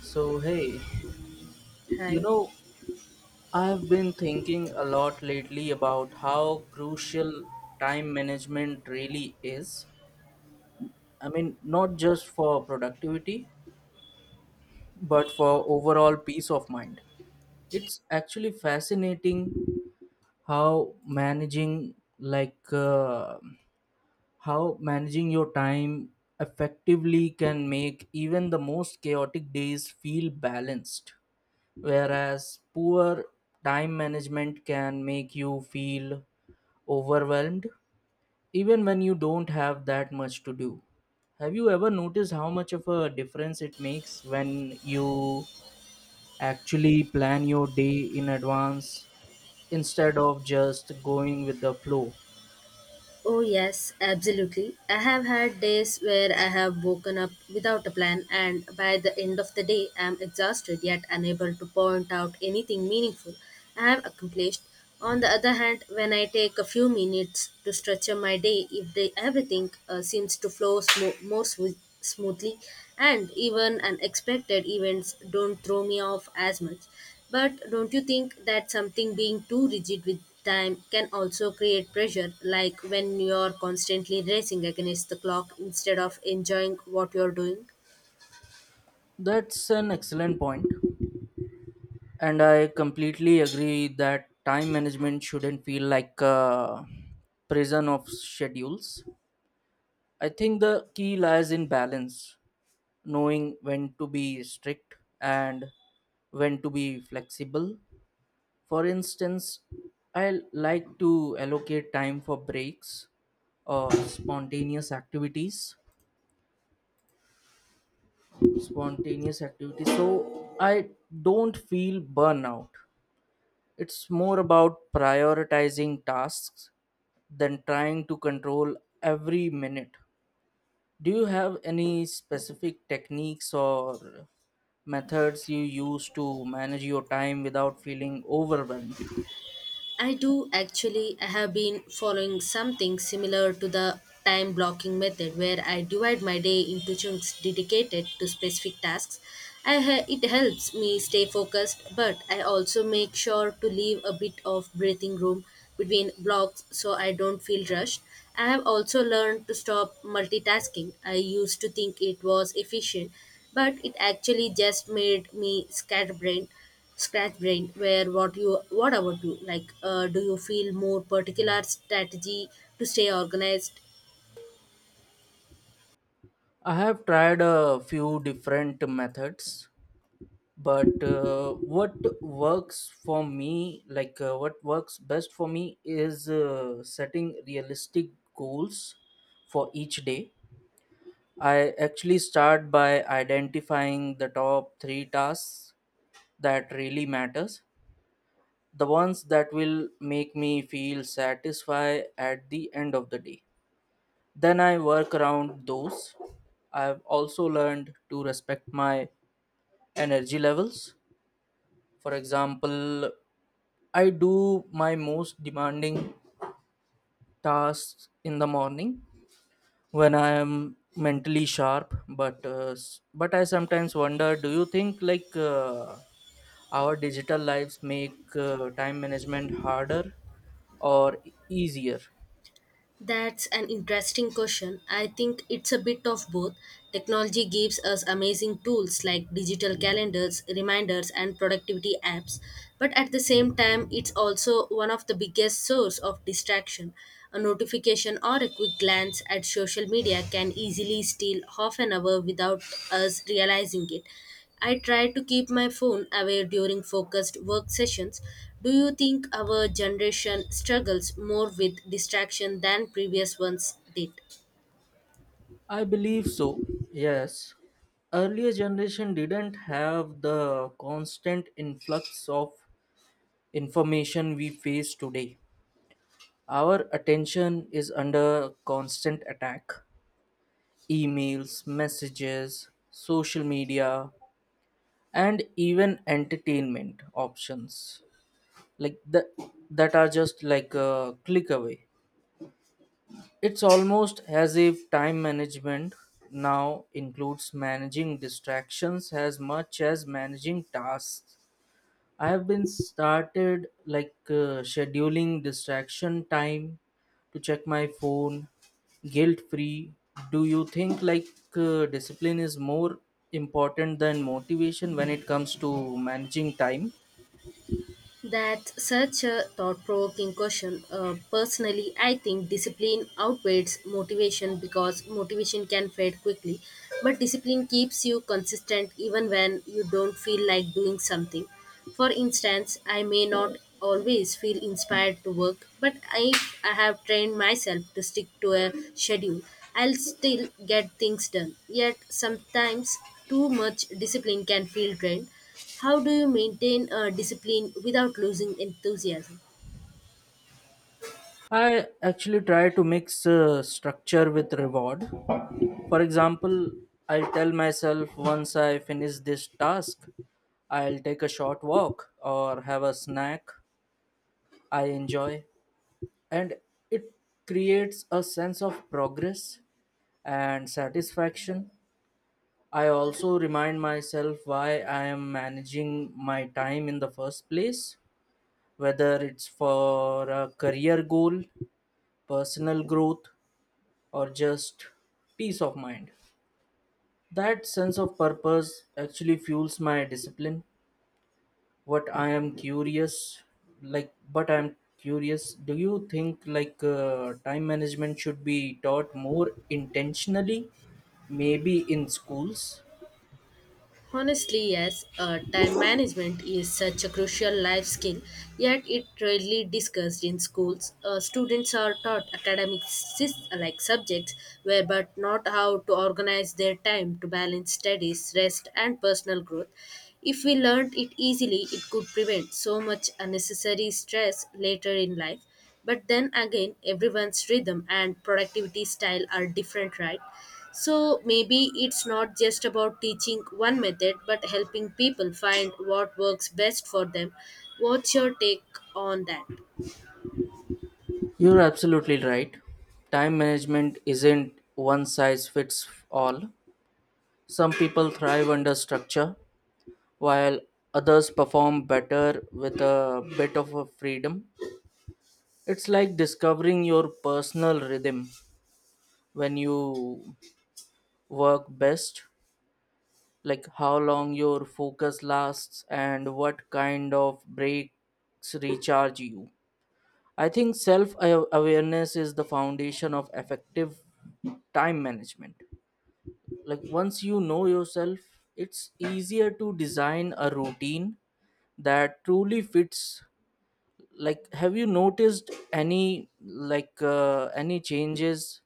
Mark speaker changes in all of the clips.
Speaker 1: So, hey, you
Speaker 2: Hi.
Speaker 1: know, I've been thinking a lot lately about how crucial time management really is. I mean, not just for productivity, but for overall peace of mind. It's actually fascinating how managing, how managing your time effectively can make even the most chaotic days feel balanced. Whereas poor time management can make you feel overwhelmed even when you don't have that much to do. Have you ever noticed how much of a difference it makes when you actually plan your day in advance instead of just going with the flow?
Speaker 2: Oh, yes, absolutely. I have had days where I have woken up without a plan, and by the end of the day, I am exhausted yet unable to point out anything meaningful I have accomplished. On the other hand, when I take a few minutes to structure my day, if day, everything seems to flow more smoothly, and even unexpected events don't throw me off as much. But don't you think that something being too rigid with time can also create pressure, like when you're constantly racing against the clock instead of enjoying what you're doing?
Speaker 1: That's an excellent point, and I completely agree that time management shouldn't feel like a prison of schedules. I think the key lies in balance, knowing when to be strict and when to be flexible. For instance, I like to allocate time for breaks or spontaneous activities. Spontaneous activities, so I don't feel burnout. It's more about prioritizing tasks than trying to control every minute. Do you have any specific techniques or methods you use to manage your time without feeling overwhelmed?
Speaker 2: I do actually. I have been following something similar to the time blocking method where I divide my day into chunks dedicated to specific tasks. It helps me stay focused, but I also make sure to leave a bit of breathing room between blocks so I don't feel rushed. I have also learned to stop multitasking. I used to think it was efficient, but it actually just made me scatterbrained scratch brain where what about you, like do you feel more particular strategy to stay organized?
Speaker 1: I have tried a few different methods, but what works best for me, is setting realistic goals for each day. I actually start by identifying the top three tasks that really matters, the ones that will make me feel satisfied at the end of the day. Then I work around those. I've also learned to respect my energy levels. For example, I do my most demanding tasks in the morning when I am mentally sharp. But I sometimes wonder: do you think our digital lives make time management harder or easier?
Speaker 2: That's an interesting question. I think it's a bit of both. Technology gives us amazing tools like digital calendars, reminders, and productivity apps, but at the same time it's also one of the biggest source of distraction. A notification or a quick glance at social media can easily steal half an hour without us realizing it. I try to keep my phone away during focused work sessions. Do you think our generation struggles more with distraction than previous ones did?
Speaker 1: I believe so. Yes. Earlier generation didn't have the constant influx of information we face today. Our attention is under constant attack. Emails, messages, social media, and even entertainment options like that that are just like a click away. It's almost as if time management now includes managing distractions as much as managing tasks. I have been started scheduling distraction time to check my phone guilt free. Do you think discipline is more important than motivation when it comes to managing time?
Speaker 2: That's such a thought provoking question. Personally, I think discipline outweighs motivation because motivation can fade quickly, but discipline keeps you consistent even when you don't feel like doing something. For instance, I may not always feel inspired to work, but if I have trained myself to stick to a schedule, I'll still get things done. Yet sometimes too much discipline can feel drained. How do you maintain discipline without losing enthusiasm?
Speaker 1: I actually try to mix structure with reward. For example, I'll tell myself once I finish this task, I'll take a short walk or have a snack I enjoy. And it creates a sense of progress and satisfaction. I also remind myself why I am managing my time in the first place, whether it's for a career goal, personal growth, or just peace of mind. That sense of purpose actually fuels my discipline. What I am curious, like, but I'm curious, do you think time management should be taught more intentionally? Maybe in schools?
Speaker 2: Honestly, yes, time management is such a crucial life skill, yet it rarely discussed in schools. Students are taught academic sys- like subjects, where but not how to organize their time to balance studies, rest, and personal growth. If we learned it easily, it could prevent so much unnecessary stress later in life. But then again, everyone's rhythm and productivity style are different, right? So maybe it's not just about teaching one method but helping people find what works best for them. What's your take on that?
Speaker 1: You're absolutely right. Time management isn't one size fits all. Some people thrive under structure, while others perform better with a bit of a freedom. It's like discovering your personal rhythm, when you work best, like how long your focus lasts and what kind of breaks recharge you. I think self awareness is the foundation of effective time management. Like once you know yourself, it's easier to design a routine that truly fits. Like have you noticed any any changes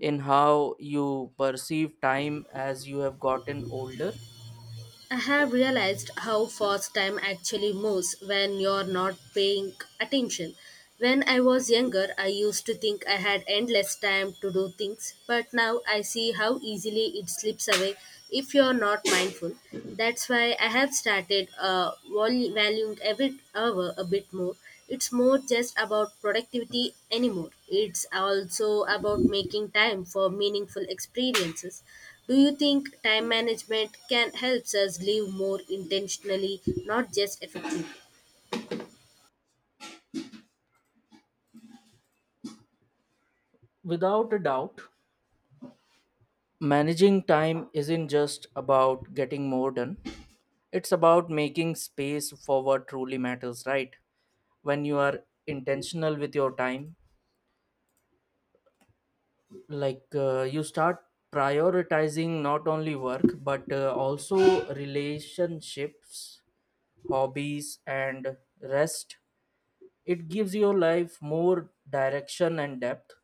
Speaker 1: in how you perceive time as you have gotten older?
Speaker 2: I have realized how fast time actually moves when you're not paying attention. When I was younger, I used to think I had endless time to do things, but now I see how easily it slips away if you're not mindful. That's why I have started valuing every hour a bit more. It's more just about productivity anymore. It's also about making time for meaningful experiences. Do you think time management can help us live more intentionally, not just effectively?
Speaker 1: Without a doubt, managing time isn't just about getting more done. It's about making space for what truly matters, right? When you are intentional with your time, you start prioritizing not only work but also relationships, hobbies, and rest. It gives your life more direction and depth.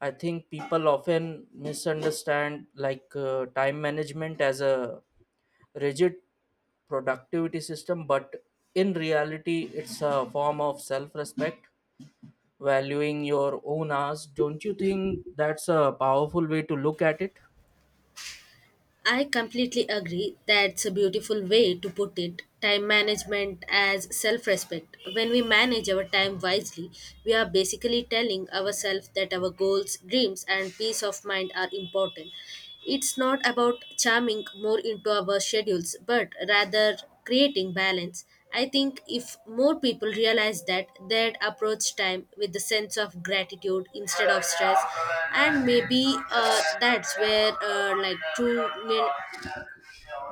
Speaker 1: I think people often misunderstand time management as a rigid productivity system, but in reality, it's a form of self respect, valuing your own hours. Don't you think that's a powerful way to look at it?
Speaker 2: I completely agree. That's a beautiful way to put it. Time management as self respect. When we manage our time wisely, we are basically telling ourselves that our goals, dreams, and peace of mind are important. It's not about charming more into our schedules, but rather creating balance. I think if more people realize that, they'd approach time with a sense of gratitude instead of stress, and maybe that's where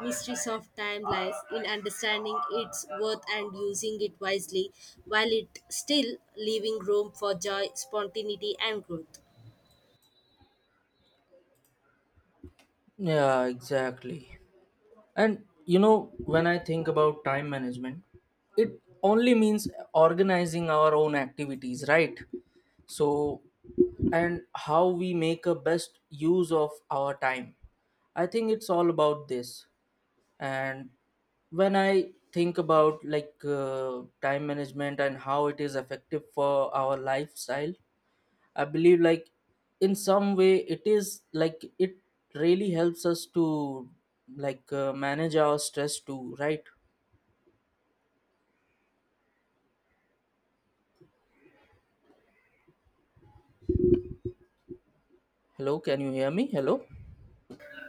Speaker 2: mysteries of time lies in understanding its worth and using it wisely, while it still leaving room for joy, spontaneity, and growth.
Speaker 1: Yeah, exactly. And you know, when I think about time management, it only means organizing our own activities, right? So, and how we make a best use of our time. I think it's all about this. And when I think about time management and how it is effective for our lifestyle, I believe like in some way it is like it really helps us to manage our stress too, right? Hello, can you hear me? Hello.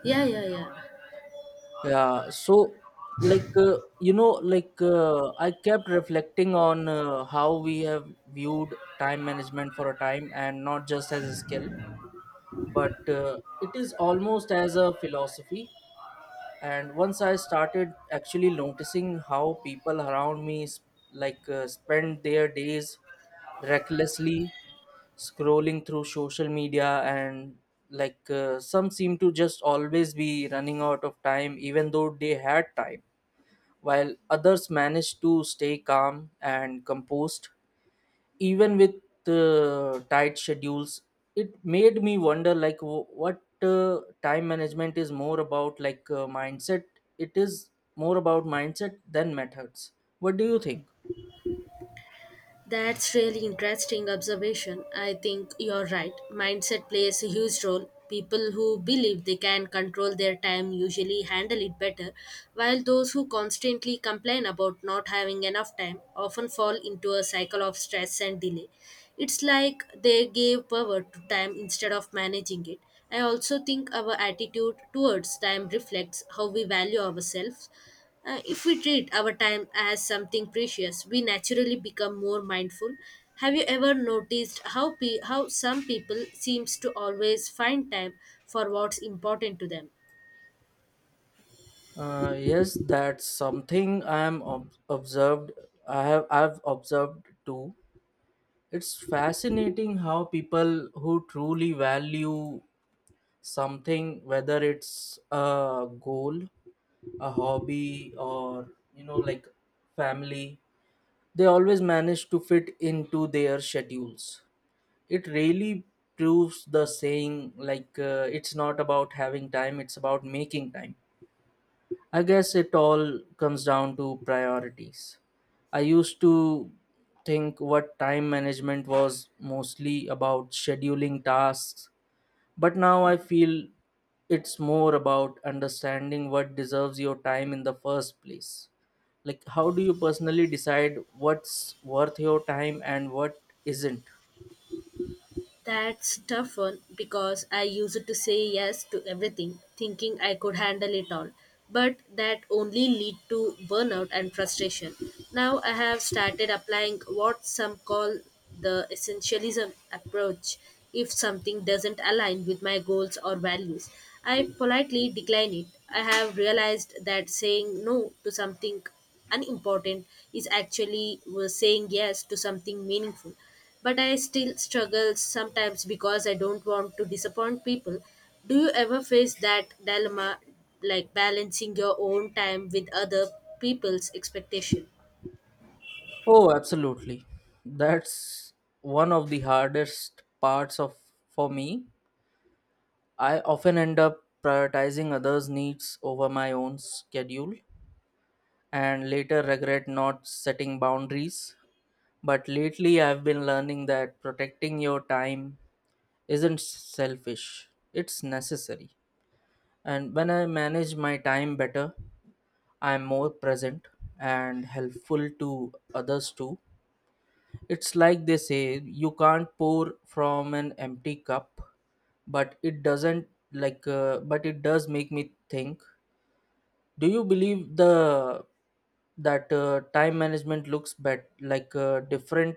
Speaker 2: Yeah, yeah, yeah.
Speaker 1: Yeah. So I kept reflecting on how we have viewed time management for a time, and not just as a skill, but it is almost as a philosophy. And once I started actually noticing how people around me spend their days recklessly scrolling through social media, and some seem to just always be running out of time even though they had time, while others manage to stay calm and composed even with tight schedules. It made me wonder like w- what time management is more about mindset, it is more about mindset than methods. What do you think?
Speaker 2: That's really interesting observation. I think you're right. Mindset plays a huge role. People who believe they can control their time usually handle it better, while those who constantly complain about not having enough time often fall into a cycle of stress and delay. It's like they gave power to time instead of managing it. I also think our attitude towards time reflects how we value ourselves. If we treat our time as something precious, we naturally become more mindful. Have you ever noticed how some people seems to always find time for what's important to them?
Speaker 1: Yes, that's something I am ob- observed I have I've observed too. It's fascinating how people who truly value something, whether it's a goal, a hobby, or you know like family, they always manage to fit into their schedules. It really proves the saying, it's not about having time, it's about making time. I guess it all comes down to priorities. I used to think what time management was mostly about scheduling tasks, but now I feel it's more about understanding what deserves your time in the first place. Like how do you personally decide what's worth your time and what isn't?
Speaker 2: That's tough one because I used to say yes to everything, thinking I could handle it all. But that only lead to burnout and frustration. Now I have started applying what some call the essentialism approach. If something doesn't align with my goals or values, I politely decline it. I have realized that saying no to something unimportant is actually saying yes to something meaningful, but I still struggle sometimes because I don't want to disappoint people. Do you ever face that dilemma, like balancing your own time with other people's expectation?
Speaker 1: Oh, absolutely. That's one of the hardest parts of for me. I often end up prioritizing others needs over my own schedule and later regret not setting boundaries. But lately I've been learning that protecting your time isn't selfish, it's necessary. And when I manage my time better, I'm more present and helpful to others too. It's like they say, you can't pour from an empty cup, but it doesn't like but it does make me think. Do you believe the that time management looks bet like different,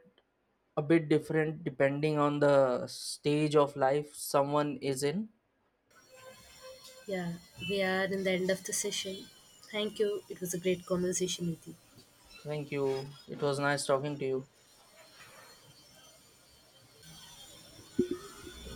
Speaker 1: a bit different, depending on the stage of life someone is in?
Speaker 2: Yeah, we are in the end of the session. Thank you. It was a great conversation with you.
Speaker 1: Thank you. It was nice talking to you.